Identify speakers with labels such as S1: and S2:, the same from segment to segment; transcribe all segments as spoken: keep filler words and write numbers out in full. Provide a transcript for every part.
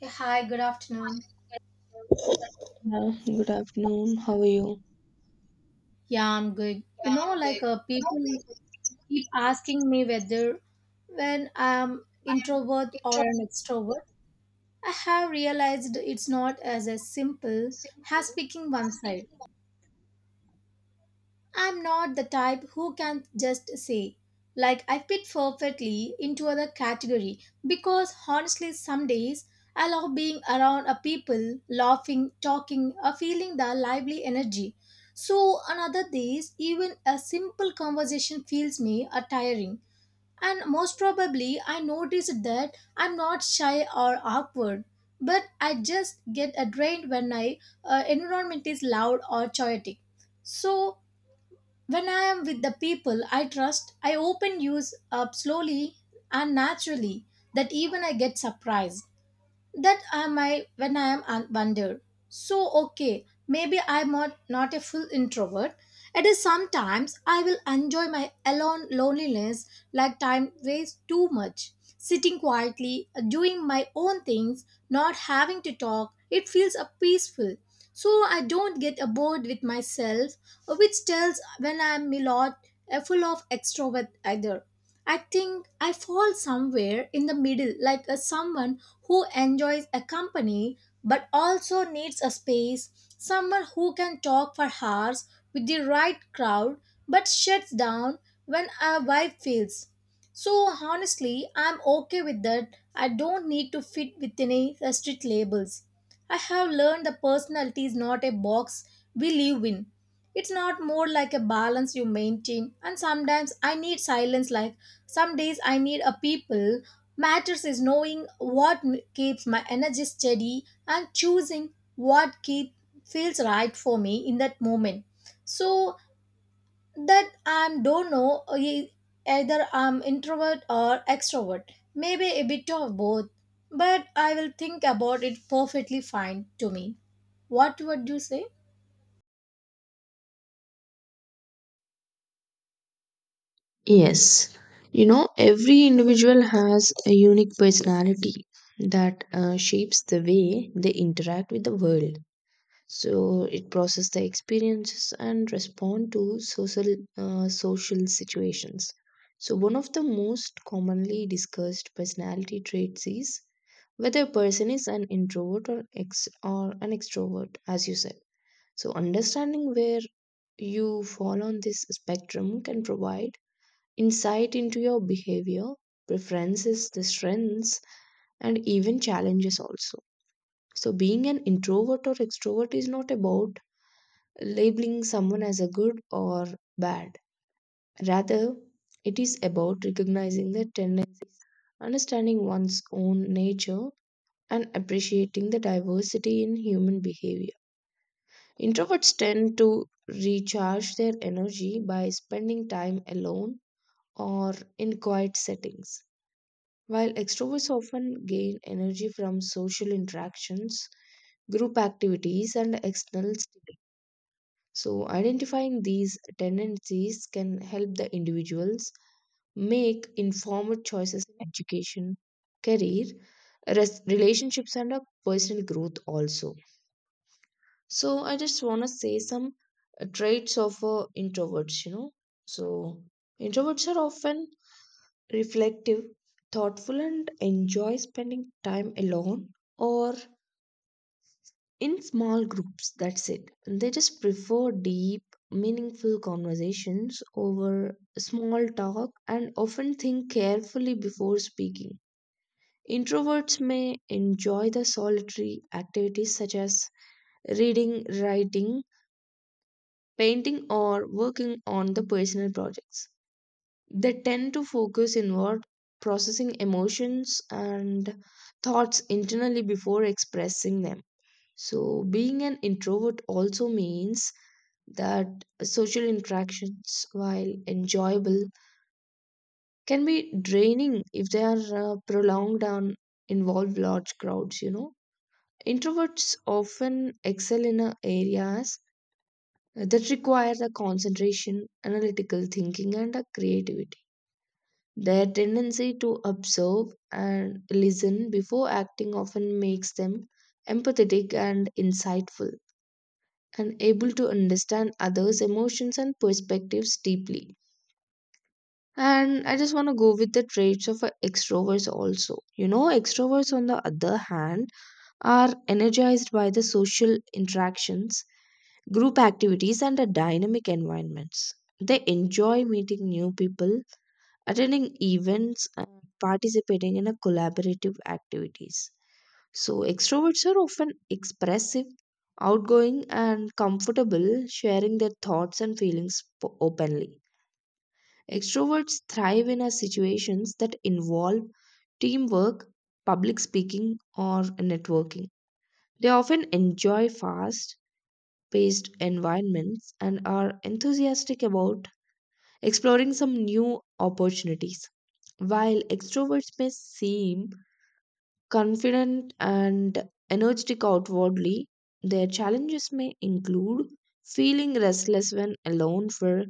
S1: Yeah, hi, good afternoon.
S2: Yeah, good afternoon. How are you?
S1: Yeah, I'm good. You know, like uh, people keep asking me whether when I'm introvert or an extrovert. I have realized it's not as as simple as picking one side. I'm not the type who can just say, like, I fit perfectly into other category because honestly, some days I love being around a people, laughing, talking, or feeling the lively energy. So, on other days, even a simple conversation feels me a tiring. And most probably, I noticed that I'm not shy or awkward, but I just get a drained when my uh, environment is loud or chaotic. So, when I am with the people I trust, I open use up slowly and naturally that even I get surprised. That am I might when I am un- wonder. So okay, maybe I'm not, not a full introvert. It is sometimes I will enjoy my alone loneliness like time waste too much. Sitting quietly, doing my own things, not having to talk, it feels a peaceful. So I don't get uh, bored with myself, uh, which tells when I'm a lot uh, full of extrovert either. I think I fall somewhere in the middle, like a someone who enjoys a company but also needs a space, someone who can talk for hours with the right crowd but shuts down when a vibe fails. So honestly, I'm okay with that. I don't need to fit within any strict labels. I have learned the personality is not a box we live in. It's not more like a balance you maintain, and sometimes I need silence like some days I need a people. Matters is knowing what m- keeps my energy steady and choosing what keep feels right for me in that moment. So that I don't know uh, e- either I'm introvert or extrovert. Maybe a bit of both. But I will think about it perfectly fine to me. What would you say?
S2: Yes, you know, every individual has a unique personality that uh, shapes the way they interact with the world, so it process the experiences and respond to social uh, social situations. So one of the most commonly discussed personality traits is whether a person is an introvert or ex or an extrovert as you said. So understanding where you fall on this spectrum can provide insight into your behavior, preferences, the strengths, and even challenges also. So being an introvert or extrovert is not about labeling someone as a good or bad. Rather, it is about recognizing the tendency, understanding one's own nature, and appreciating the diversity in human behavior. Introverts tend to recharge their energy by spending time alone or in quiet settings, while extroverts often gain energy from social interactions, group activities, and external stimuli. So, identifying these tendencies can help the individuals make informed choices in education, career, res- relationships, and a personal growth also. So, I just want to say some uh, traits of uh, introverts, you know. So, introverts are often reflective, thoughtful, and enjoy spending time alone or in small groups. That's it, they just prefer deep, meaningful conversations over small talk, and often think carefully before speaking. Introverts may enjoy the solitary activities such as reading, writing, painting, or working on the personal projects. They tend to focus inward, processing emotions and thoughts internally before expressing them. So, being an introvert also means that social interactions, while enjoyable, can be draining if they are uh, prolonged and involve large crowds, you know. Introverts often excel in uh, areas that require the concentration, analytical thinking, and uh, creativity. Their tendency to observe and listen before acting often makes them empathetic and insightful, and able to understand others' emotions and perspectives deeply. And I just want to go with the traits of a extroverts also. You know, extroverts, on the other hand, are energized by the social interactions, group activities, and the dynamic environments. They enjoy meeting new people, attending events, and participating in a collaborative activities. So, extroverts are often expressive, outgoing, and comfortable sharing their thoughts and feelings po- openly. Extroverts thrive in a situations that involve teamwork, public speaking, or networking. They often enjoy fast paced environments and are enthusiastic about exploring some new opportunities. While extroverts may seem confident and energetic outwardly, their challenges may include feeling restless when alone for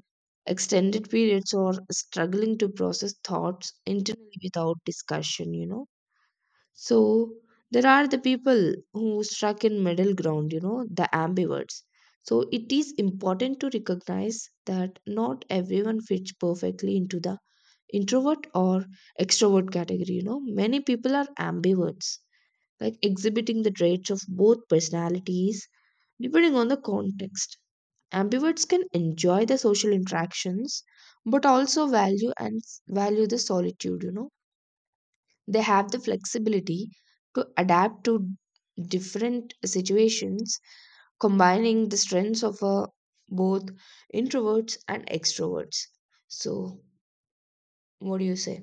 S2: extended periods, or struggling to process thoughts internally without discussion, you know. So, there are the people who struck in middle ground, you know, the ambiverts. So, it is important to recognize that not everyone fits perfectly into the introvert or extrovert category, you know. Many people are ambiverts, like exhibiting the traits of both personalities depending on the context. Ambiverts can enjoy the social interactions but also value and s- value the solitude, you know. They have the flexibility to adapt to different situations, combining the strengths of uh, both introverts and extroverts. So, what do you say?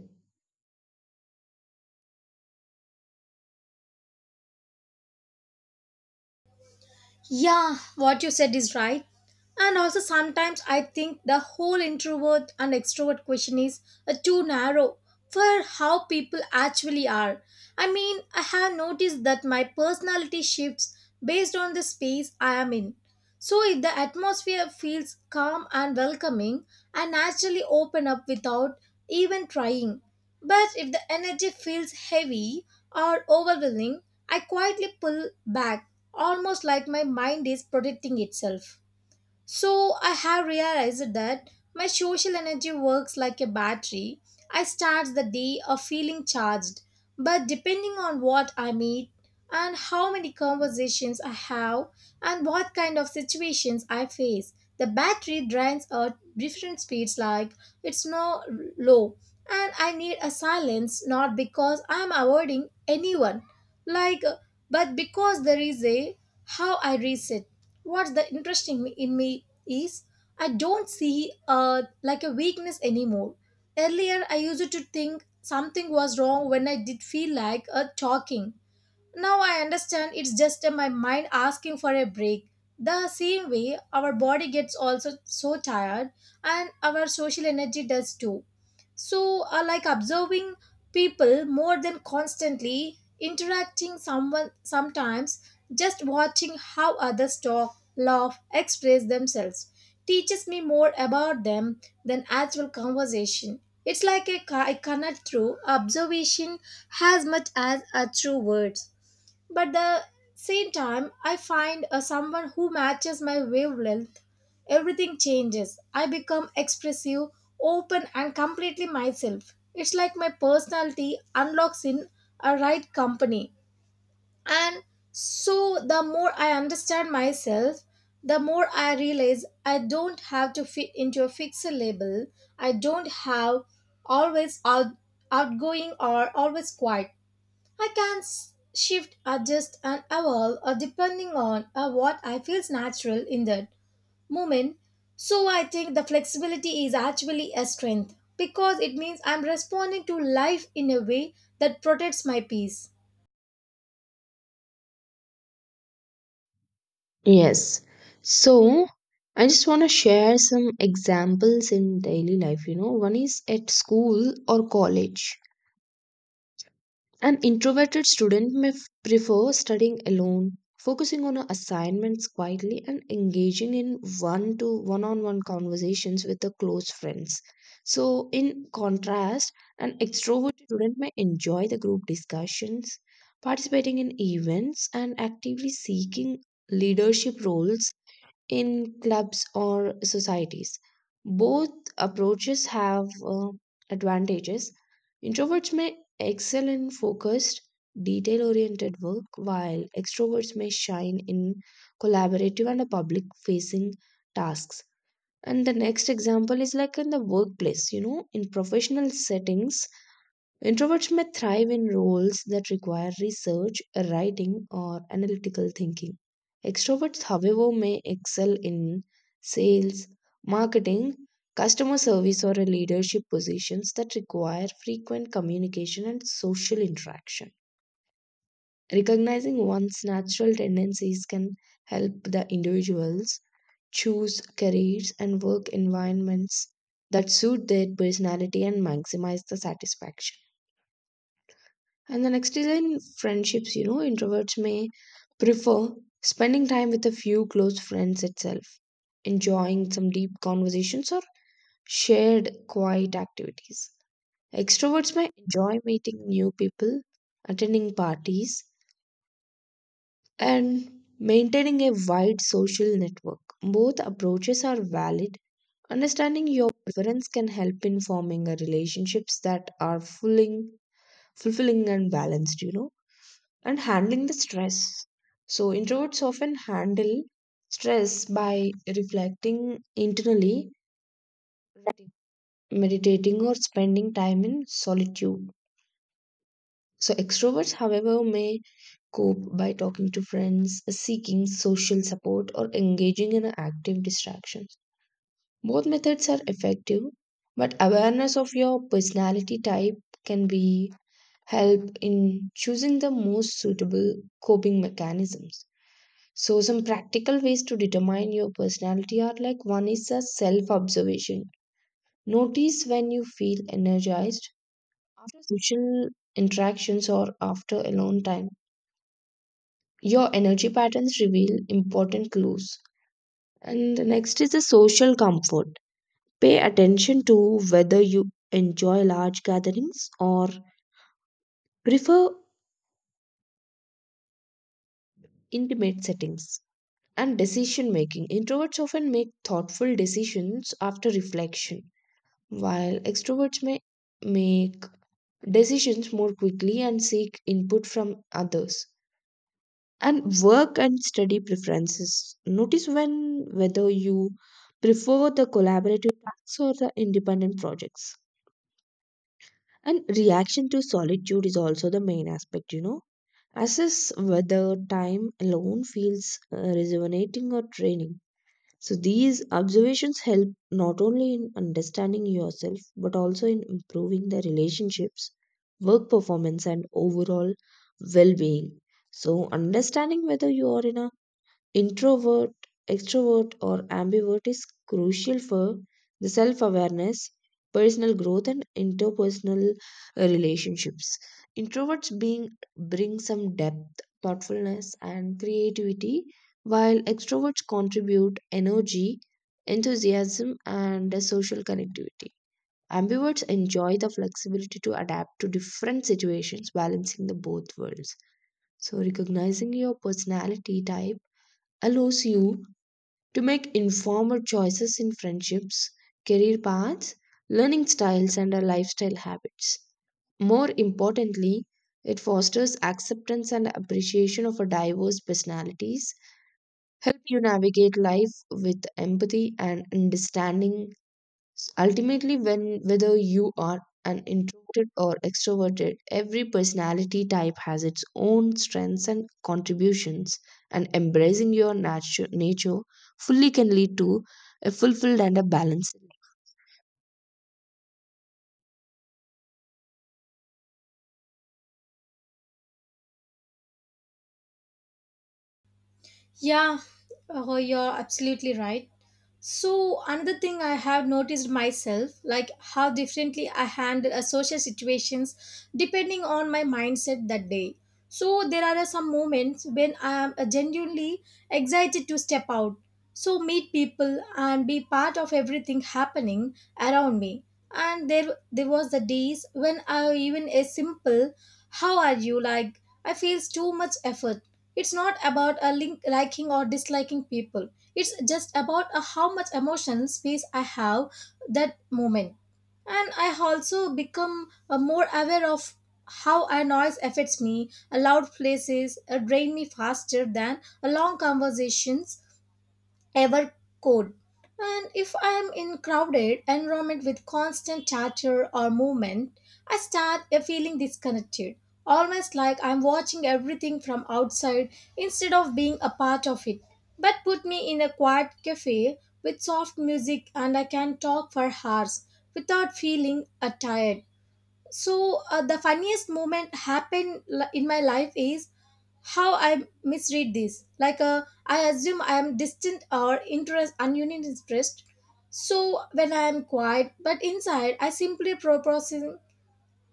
S1: Yeah, what you said is right. And also, sometimes I think the whole introvert and extrovert question is uh, too narrow for how people actually are. I mean, I have noticed that my personality shifts based on the space I am in. So, if the atmosphere feels calm and welcoming, I naturally open up without even trying. But if the energy feels heavy or overwhelming, I quietly pull back almost like my mind is protecting itself. So I have realized that my social energy works like a battery. I start the day of feeling charged, but depending on what I meet and how many conversations I have and what kind of situations I face, the battery drains at different speeds like it's no low and I need a silence not because I'm avoiding anyone like but because there is a how I reset what's the interesting in me is I don't see uh, like a weakness anymore. Earlier I used to think something was wrong when I did feel like a talking. Now I understand it's just uh, my mind asking for a break. The same way our body gets also so tired and our social energy does too. So uh, like observing people more than constantly interacting someone sometimes just watching how others talk, laugh, express themselves teaches me more about them than actual conversation. It's like a, I cannot through observation as much as a true words but the same time I find a someone who matches my wavelength everything changes I become expressive open and completely myself. It's like my personality unlocks in a right company and so the more I understand myself the more I realize I don't have to fit into a fixed label. I don't have always out, outgoing or always quiet. I can s- shift, adjust, and evolve uh, depending on uh, what I feels natural in that moment. So I think the flexibility is actually a strength because it means I'm responding to life in a way that protects my peace.
S2: Yes. So I just want to share some examples in daily life. You know, one is at school or college. An introverted student may f- prefer studying alone, focusing on her assignments quietly, and engaging in one to one on one conversations with the close friends. So, in contrast, an extroverted student may enjoy the group discussions, participating in events, and actively seeking leadership roles in clubs or societies. Both approaches have uh, advantages. Introverts may excel in focused, detail oriented work, while extroverts may shine in collaborative and public facing tasks. And the next example is like in the workplace, you know, in professional settings, introverts may thrive in roles that require research, writing, or analytical thinking. Extroverts, however, may excel in sales, marketing, customer service, or a leadership positions that require frequent communication and social interaction. Recognizing one's natural tendencies can help the individuals choose careers and work environments that suit their personality and maximize the satisfaction. And the next is in friendships, you know, introverts may prefer spending time with a few close friends itself, enjoying some deep conversations or shared quiet activities. Extroverts may enjoy meeting new people, attending parties, and maintaining a wide social network. Both approaches are valid. Understanding your preference can help in forming a relationships that are fulfilling, fulfilling and balanced, you know, and handling the stress. So, introverts often handle stress by reflecting internally, writing, meditating, or spending time in solitude. So, extroverts, however, may cope by talking to friends, seeking social support, or engaging in active distractions. Both methods are effective, but awareness of your personality type can be help in choosing the most suitable coping mechanisms. So, some practical ways to determine your personality are like one is a self observation. Notice when you feel energized after social interactions or after alone time. Your energy patterns reveal important clues. And the next is the social comfort. Pay attention to whether you enjoy large gatherings or prefer intimate settings. And decision making. Introverts often make thoughtful decisions after reflection, while extroverts may make decisions more quickly and seek input from others. And work and study preferences. Notice when whether you prefer the collaborative tasks or the independent projects. And reaction to solitude is also the main aspect, you know. Assess whether time alone feels uh, rejuvenating or draining. So these observations help not only in understanding yourself but also in improving the relationships, work performance, and overall well being. So, understanding whether you are in a introvert, extrovert, or ambivert is crucial for the self awareness, personal growth, and interpersonal uh, relationships. Introverts being, bring some depth, thoughtfulness, and creativity, while extroverts contribute energy, enthusiasm, and uh, social connectivity. Ambiverts enjoy the flexibility to adapt to different situations, balancing the both worlds. So, recognizing your personality type allows you to make informed choices in friendships, career paths, learning styles, and our lifestyle habits. More importantly, it fosters acceptance and appreciation of our diverse personalities, help you navigate life with empathy and understanding. S- Ultimately, when whether you are an introverted or extroverted, every personality type has its own strengths and contributions, and embracing your natu- nature fully can lead to a fulfilled and a balanced
S1: Yeah, uh, you're absolutely right. So, another thing I have noticed myself, like how differently I handle a social situations depending on my mindset that day. So, there are some moments when I am uh, genuinely excited to step out, so meet people and be part of everything happening around me. And there, there was the days when I even a simple "How are you?" like I feels too much effort. It's not about a link liking or disliking people. It's just about uh, how much emotional space I have that moment. And I also become uh, more aware of how a noise affects me. A loud places uh, drain me faster than a long conversation ever could. And if I am in crowded environment with constant chatter or movement, I start a feeling disconnected, almost like I'm watching everything from outside instead of being a part of it. But put me in a quiet cafe with soft music and I can talk for hours without feeling uh, tired. So uh, the funniest moment happened li- in my life is how I misread this. Like uh, I assume I am distant or interest ununion interest. So when I am quiet, but inside I simply proposing,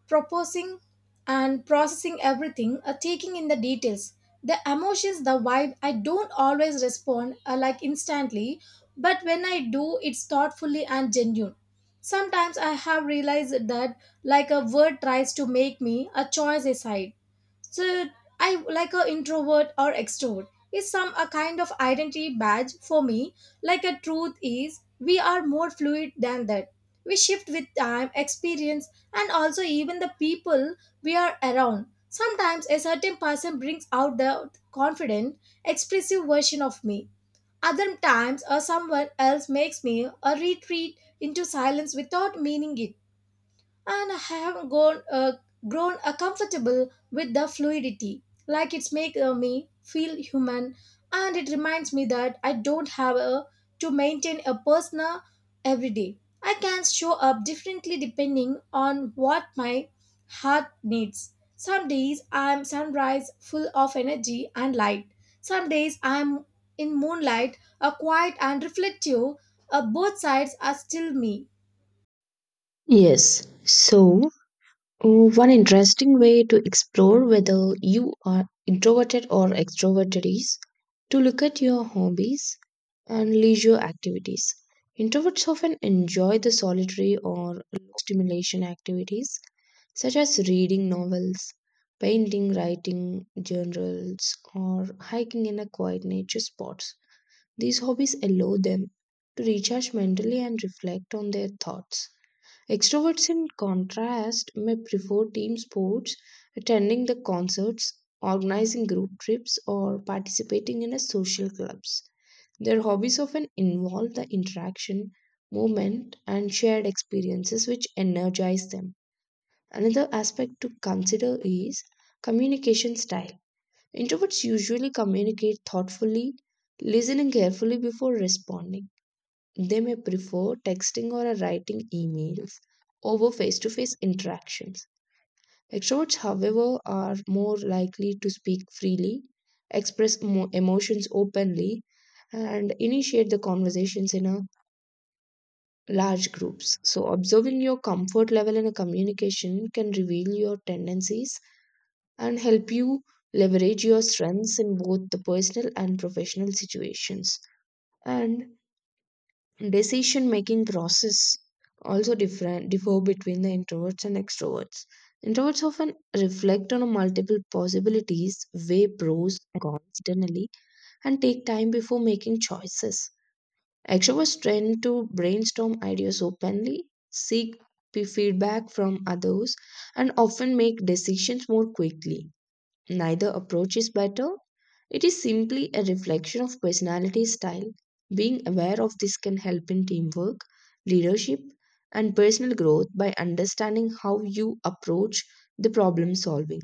S1: proposing, and processing everything, uh, taking in the details, the emotions, the vibe. I don't always respond uh, like instantly, but when I do, it's thoughtfully and genuine. Sometimes I have realized that like a word tries to make me a choice aside so I like a introvert or extrovert is some a kind of identity badge for me. Like a truth is we are more fluid than that. We shift with time, experience, and also even the people we are around. Sometimes a certain person brings out the confident, expressive version of me. Other times, or someone else makes me a retreat into silence without meaning it and I have grown, uh, grown uh, comfortable with the fluidity. Like it's make uh, me feel human, and it reminds me that I don't have a, to maintain a persona every day. I can show up differently depending on what my heart needs. Some days I'm sunrise full of energy and light. Some days I'm in moonlight, a quiet and reflective. Uh, both sides are still me.
S2: life. Yes. So Oh, One interesting way to explore whether you are introverted or extroverted is to look at your hobbies and leisure activities. Introverts often enjoy the solitary or low stimulation activities such as reading novels, painting, writing journals, or hiking in a quiet nature spots. These hobbies allow them to recharge mentally and reflect on their thoughts. Extroverts, in contrast, may prefer team sports, attending the concerts, organizing group trips, or participating in a social clubs. Their hobbies often involve the interaction, movement, and shared experiences which energize them. Another aspect to consider is communication style. Introverts usually communicate thoughtfully, listening carefully before responding. They may prefer texting or writing emails over face to face interactions. Extroverts, however, are more likely to speak freely, express emo- emotions openly, and initiate the conversations in a large groups. So, observing your comfort level in a communication can reveal your tendencies and help you leverage your strengths in both the personal and professional situations. And decision making process also different differ between the introverts and extroverts. Introverts often reflect on multiple possibilities, weigh pros and cons internally, and take time before making choices. Extroverts tend to brainstorm ideas openly, seek p- feedback from others, and often make decisions more quickly. Neither approach is better. It is simply a reflection of personality style. Being aware of this can help in teamwork, leadership, and personal growth by understanding how you approach the problem solving.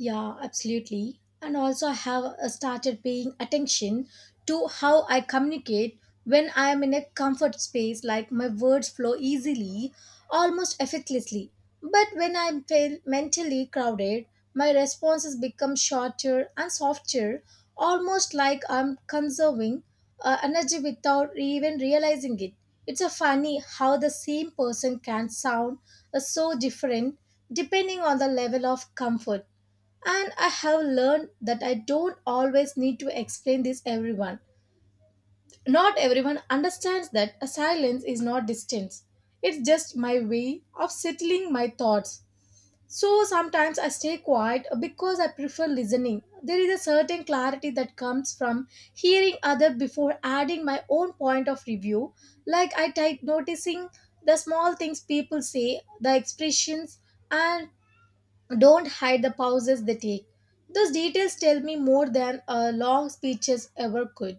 S1: Yeah, absolutely. And also, I have uh, started paying attention to how I communicate when I am in a comfort space, like my words flow easily, almost effortlessly. But when I feel mentally crowded, my responses become shorter and softer, almost like I'm conserving uh, energy without even realizing it. It's a funny how the same person can sound uh, so different depending on the level of comfort and I have learned that I don't always need to explain this everyone. Not everyone understands that a silence is not distance. It's just my way of settling my thoughts. So sometimes I stay quiet because I prefer listening. There is a certain clarity that comes from hearing other before adding my own point of review. Like I type noticing the small things people say, the expressions and don't hide the pauses they take. Those details tell me more than a long speeches ever could.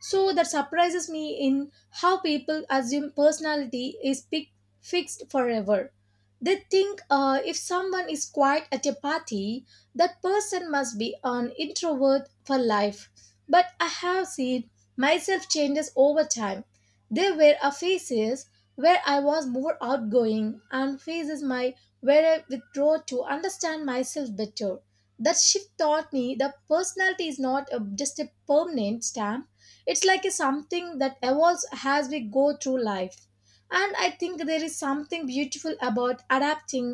S1: So that surprises me in how people assume personality is pic- fixed forever. They think uh, if someone is quiet at a party, that person must be an introvert for life. But I have seen myself changes over time. There were a phases where I was more outgoing and phases my where I withdraw to understand myself better. That shift taught me that personality is not a, just a permanent stamp. It's like a something that evolves as we go through life and I think there is something beautiful about adapting.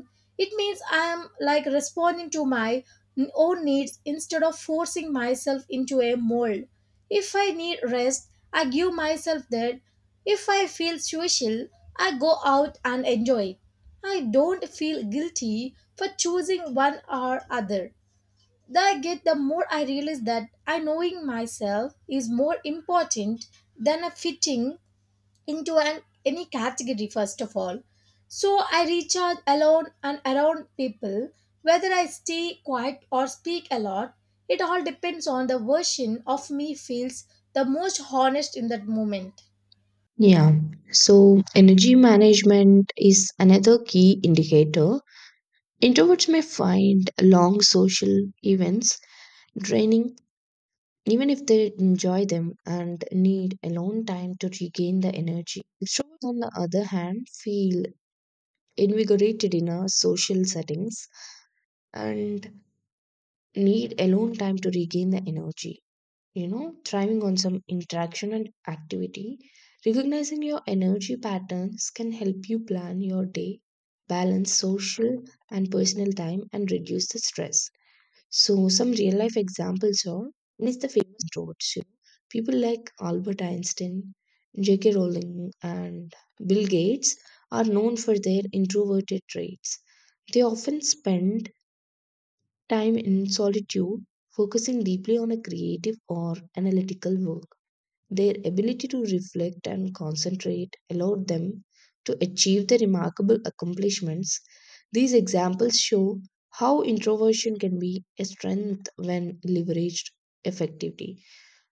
S1: It means I am like responding to my n- own needs instead of forcing myself into a mold. If I need rest I give myself that. If I feel social I go out and enjoy. I don't feel guilty for choosing one or other. The I get, the more I realize that I knowing myself is more important than a fitting into an any category first of all. So I recharge alone and around people, whether I stay quiet or speak a lot. It all depends on the version of me feels the most honest in that moment.
S2: Yeah, so energy management is another key indicator. Introverts may find long social events draining even if they enjoy them, and need alone time to regain the energy. Shows, on the other hand, feel invigorated in a social settings and need alone time to regain the energy. You know, thriving on some interaction and activity, recognizing your energy patterns can help you plan your day, balance social and personal time, and reduce the stress. So, some real life examples are and the famous roads. You know, people like Albert Einstein, J K. Rowling, and Bill Gates are known for their introverted traits. They often spend time in solitude, focusing deeply on a creative or analytical work. Their ability to reflect and concentrate allowed them to achieve the remarkable accomplishments. These examples show how introversion can be a strength when leveraged effectively.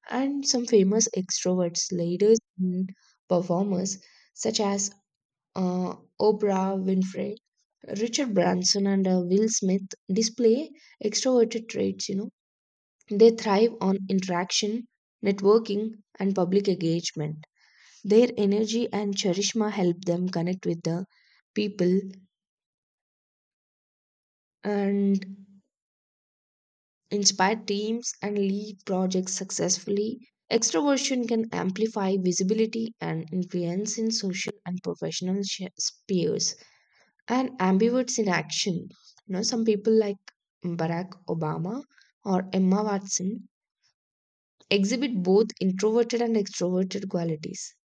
S2: And some famous extroverts, leaders, and performers such as uh, Oprah Winfrey, Richard Branson, and uh, Will Smith display extroverted traits. You know, they thrive on interaction, networking, and public engagement. Their energy and charisma help them connect with the people and inspire teams and lead projects successfully. Extroversion can amplify visibility and influence in social and professional sh- spheres. And ambiverts in action. You know, some people like Barack Obama or Emma Watson exhibit both introverted and extroverted qualities.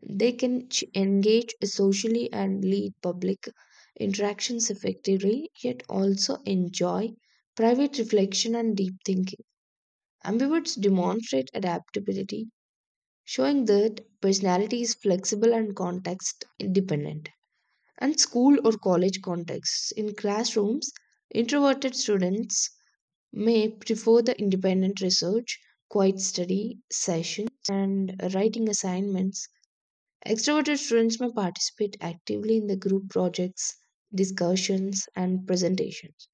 S2: They can ch- engage socially and lead public interactions effectively, yet also enjoy private reflection and deep thinking. Ambiverts demonstrate adaptability, showing that personality is flexible and context independent. And school or college contexts. In classrooms, introverted students may prefer the independent research, quiet study sessions, and writing assignments. Extroverted students may participate actively in the group projects, discussions, and presentations.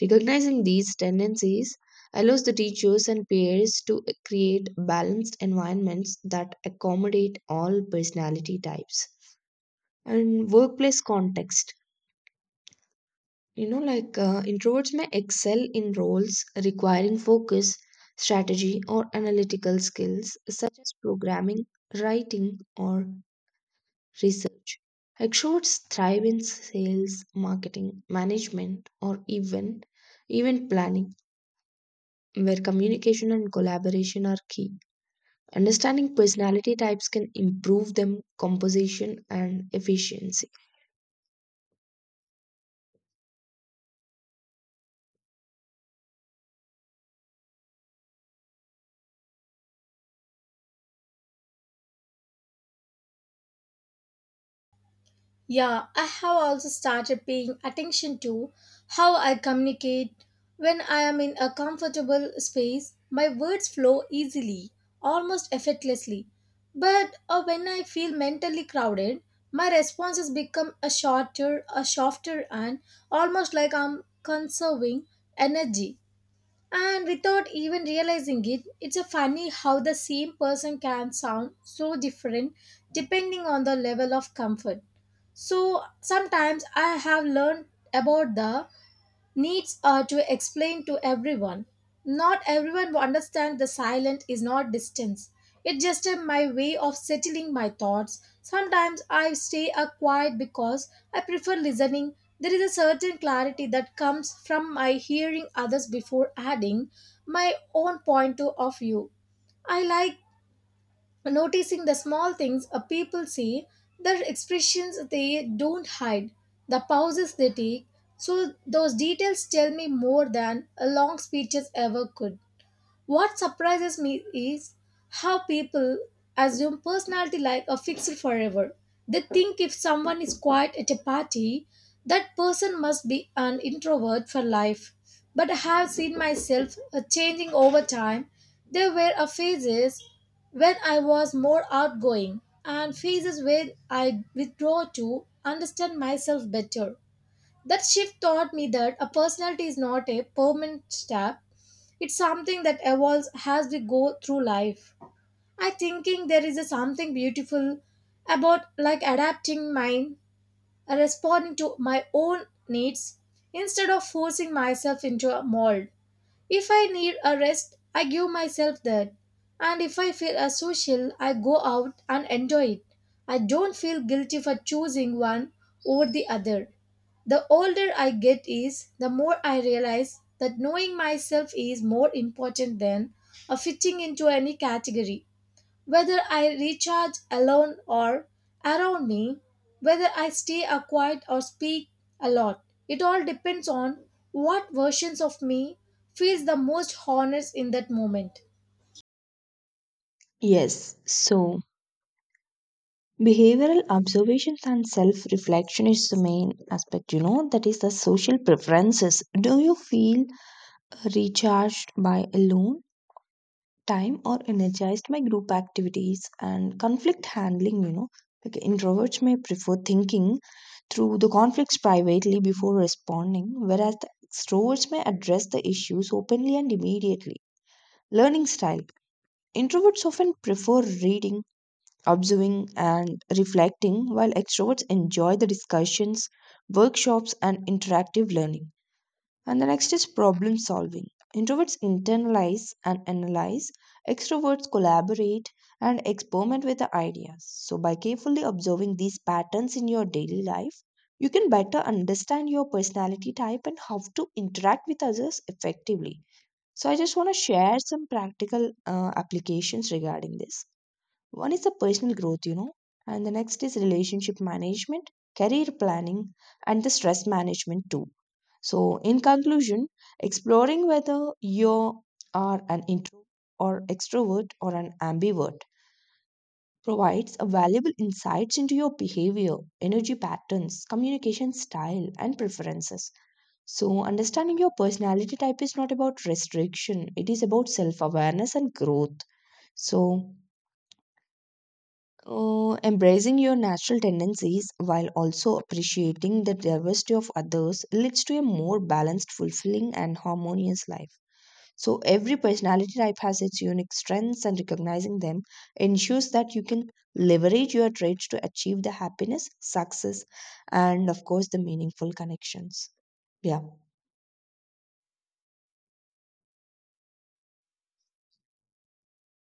S2: Recognizing these tendencies allows the teachers and peers to create balanced environments that accommodate all personality types. And workplace context. You know, like uh, introverts may excel in roles requiring focus, strategy, or analytical skills such as programming, writing, or research. Extroverts thrive in sales, marketing, management, or even event planning, where communication and collaboration are key. Understanding personality types can improve them composition and efficiency.
S1: Yeah, I have also started paying attention to how I communicate when I am in a comfortable space. My words flow easily, almost effortlessly. But uh, when I feel mentally crowded, my responses become a shorter, a softer, and almost like I'm conserving energy. And without even realizing it, it's a funny how the same person can sound so different depending on the level of comfort. So sometimes I have learned about the needs uh, to explain to everyone. Not everyone will understand the silent is not distance. It's just uh, my way of settling my thoughts. Sometimes I stay uh, quiet because I prefer listening. There is a certain clarity that comes from my hearing others before adding my own point to- of view. I like noticing the small things a people see, the expressions they don't hide, the pauses they take. So those details tell me more than a long speeches ever could. What surprises me is how people assume personality like a fixed forever. They think if someone is quiet at a party, that person must be an introvert for life. But I have seen myself uh, changing over time. There were a phases when I was more outgoing and phases where I withdraw to understand myself better. That shift taught me that a personality is not a permanent stamp. It's something that evolves as we go through life. I thinking there is a something beautiful about like adapting mine, responding to my own needs instead of forcing myself into a mold. If I need a rest, I give myself that. And if I feel a social, I go out and enjoy it. I don't feel guilty for choosing one over the other. The older I get is, the more I realize that knowing myself is more important than uh, fitting into any category. Whether I recharge alone or around me, whether I stay a quiet or speak a lot, it all depends on what versions of me feels the most honest in that moment.
S2: Yes, so behavioral observations and self reflection is the main aspect, you know, that is the social preferences. Do you feel recharged by alone time or energized by group activities and conflict handling? You know, like introverts may prefer thinking through the conflicts privately before responding, whereas the extroverts may address the issues openly and immediately. Learning style. Introverts often prefer reading, observing, and reflecting, while extroverts enjoy the discussions, workshops, and interactive learning. And the next is problem solving. Introverts internalize and analyze, extroverts collaborate and experiment with the ideas. So, by carefully observing these patterns in your daily life, you can better understand your personality type and how to interact with others effectively. So, I just want to share some practical uh, applications regarding this. One is the personal growth, you know, and the next is relationship management, career planning, and the stress management too. So, in conclusion, exploring whether you are an introvert or extrovert or an ambivert provides a valuable insights into your behavior, energy patterns, communication style, and preferences. So, understanding your personality type is not about restriction, it is about self awareness and growth. So, Uh, embracing your natural tendencies while also appreciating the diversity of others leads to a more balanced, fulfilling, and harmonious life. So, every personality type has its unique strengths, and recognizing them ensures that you can leverage your traits to achieve the happiness, success, and of course, the meaningful connections. Yeah.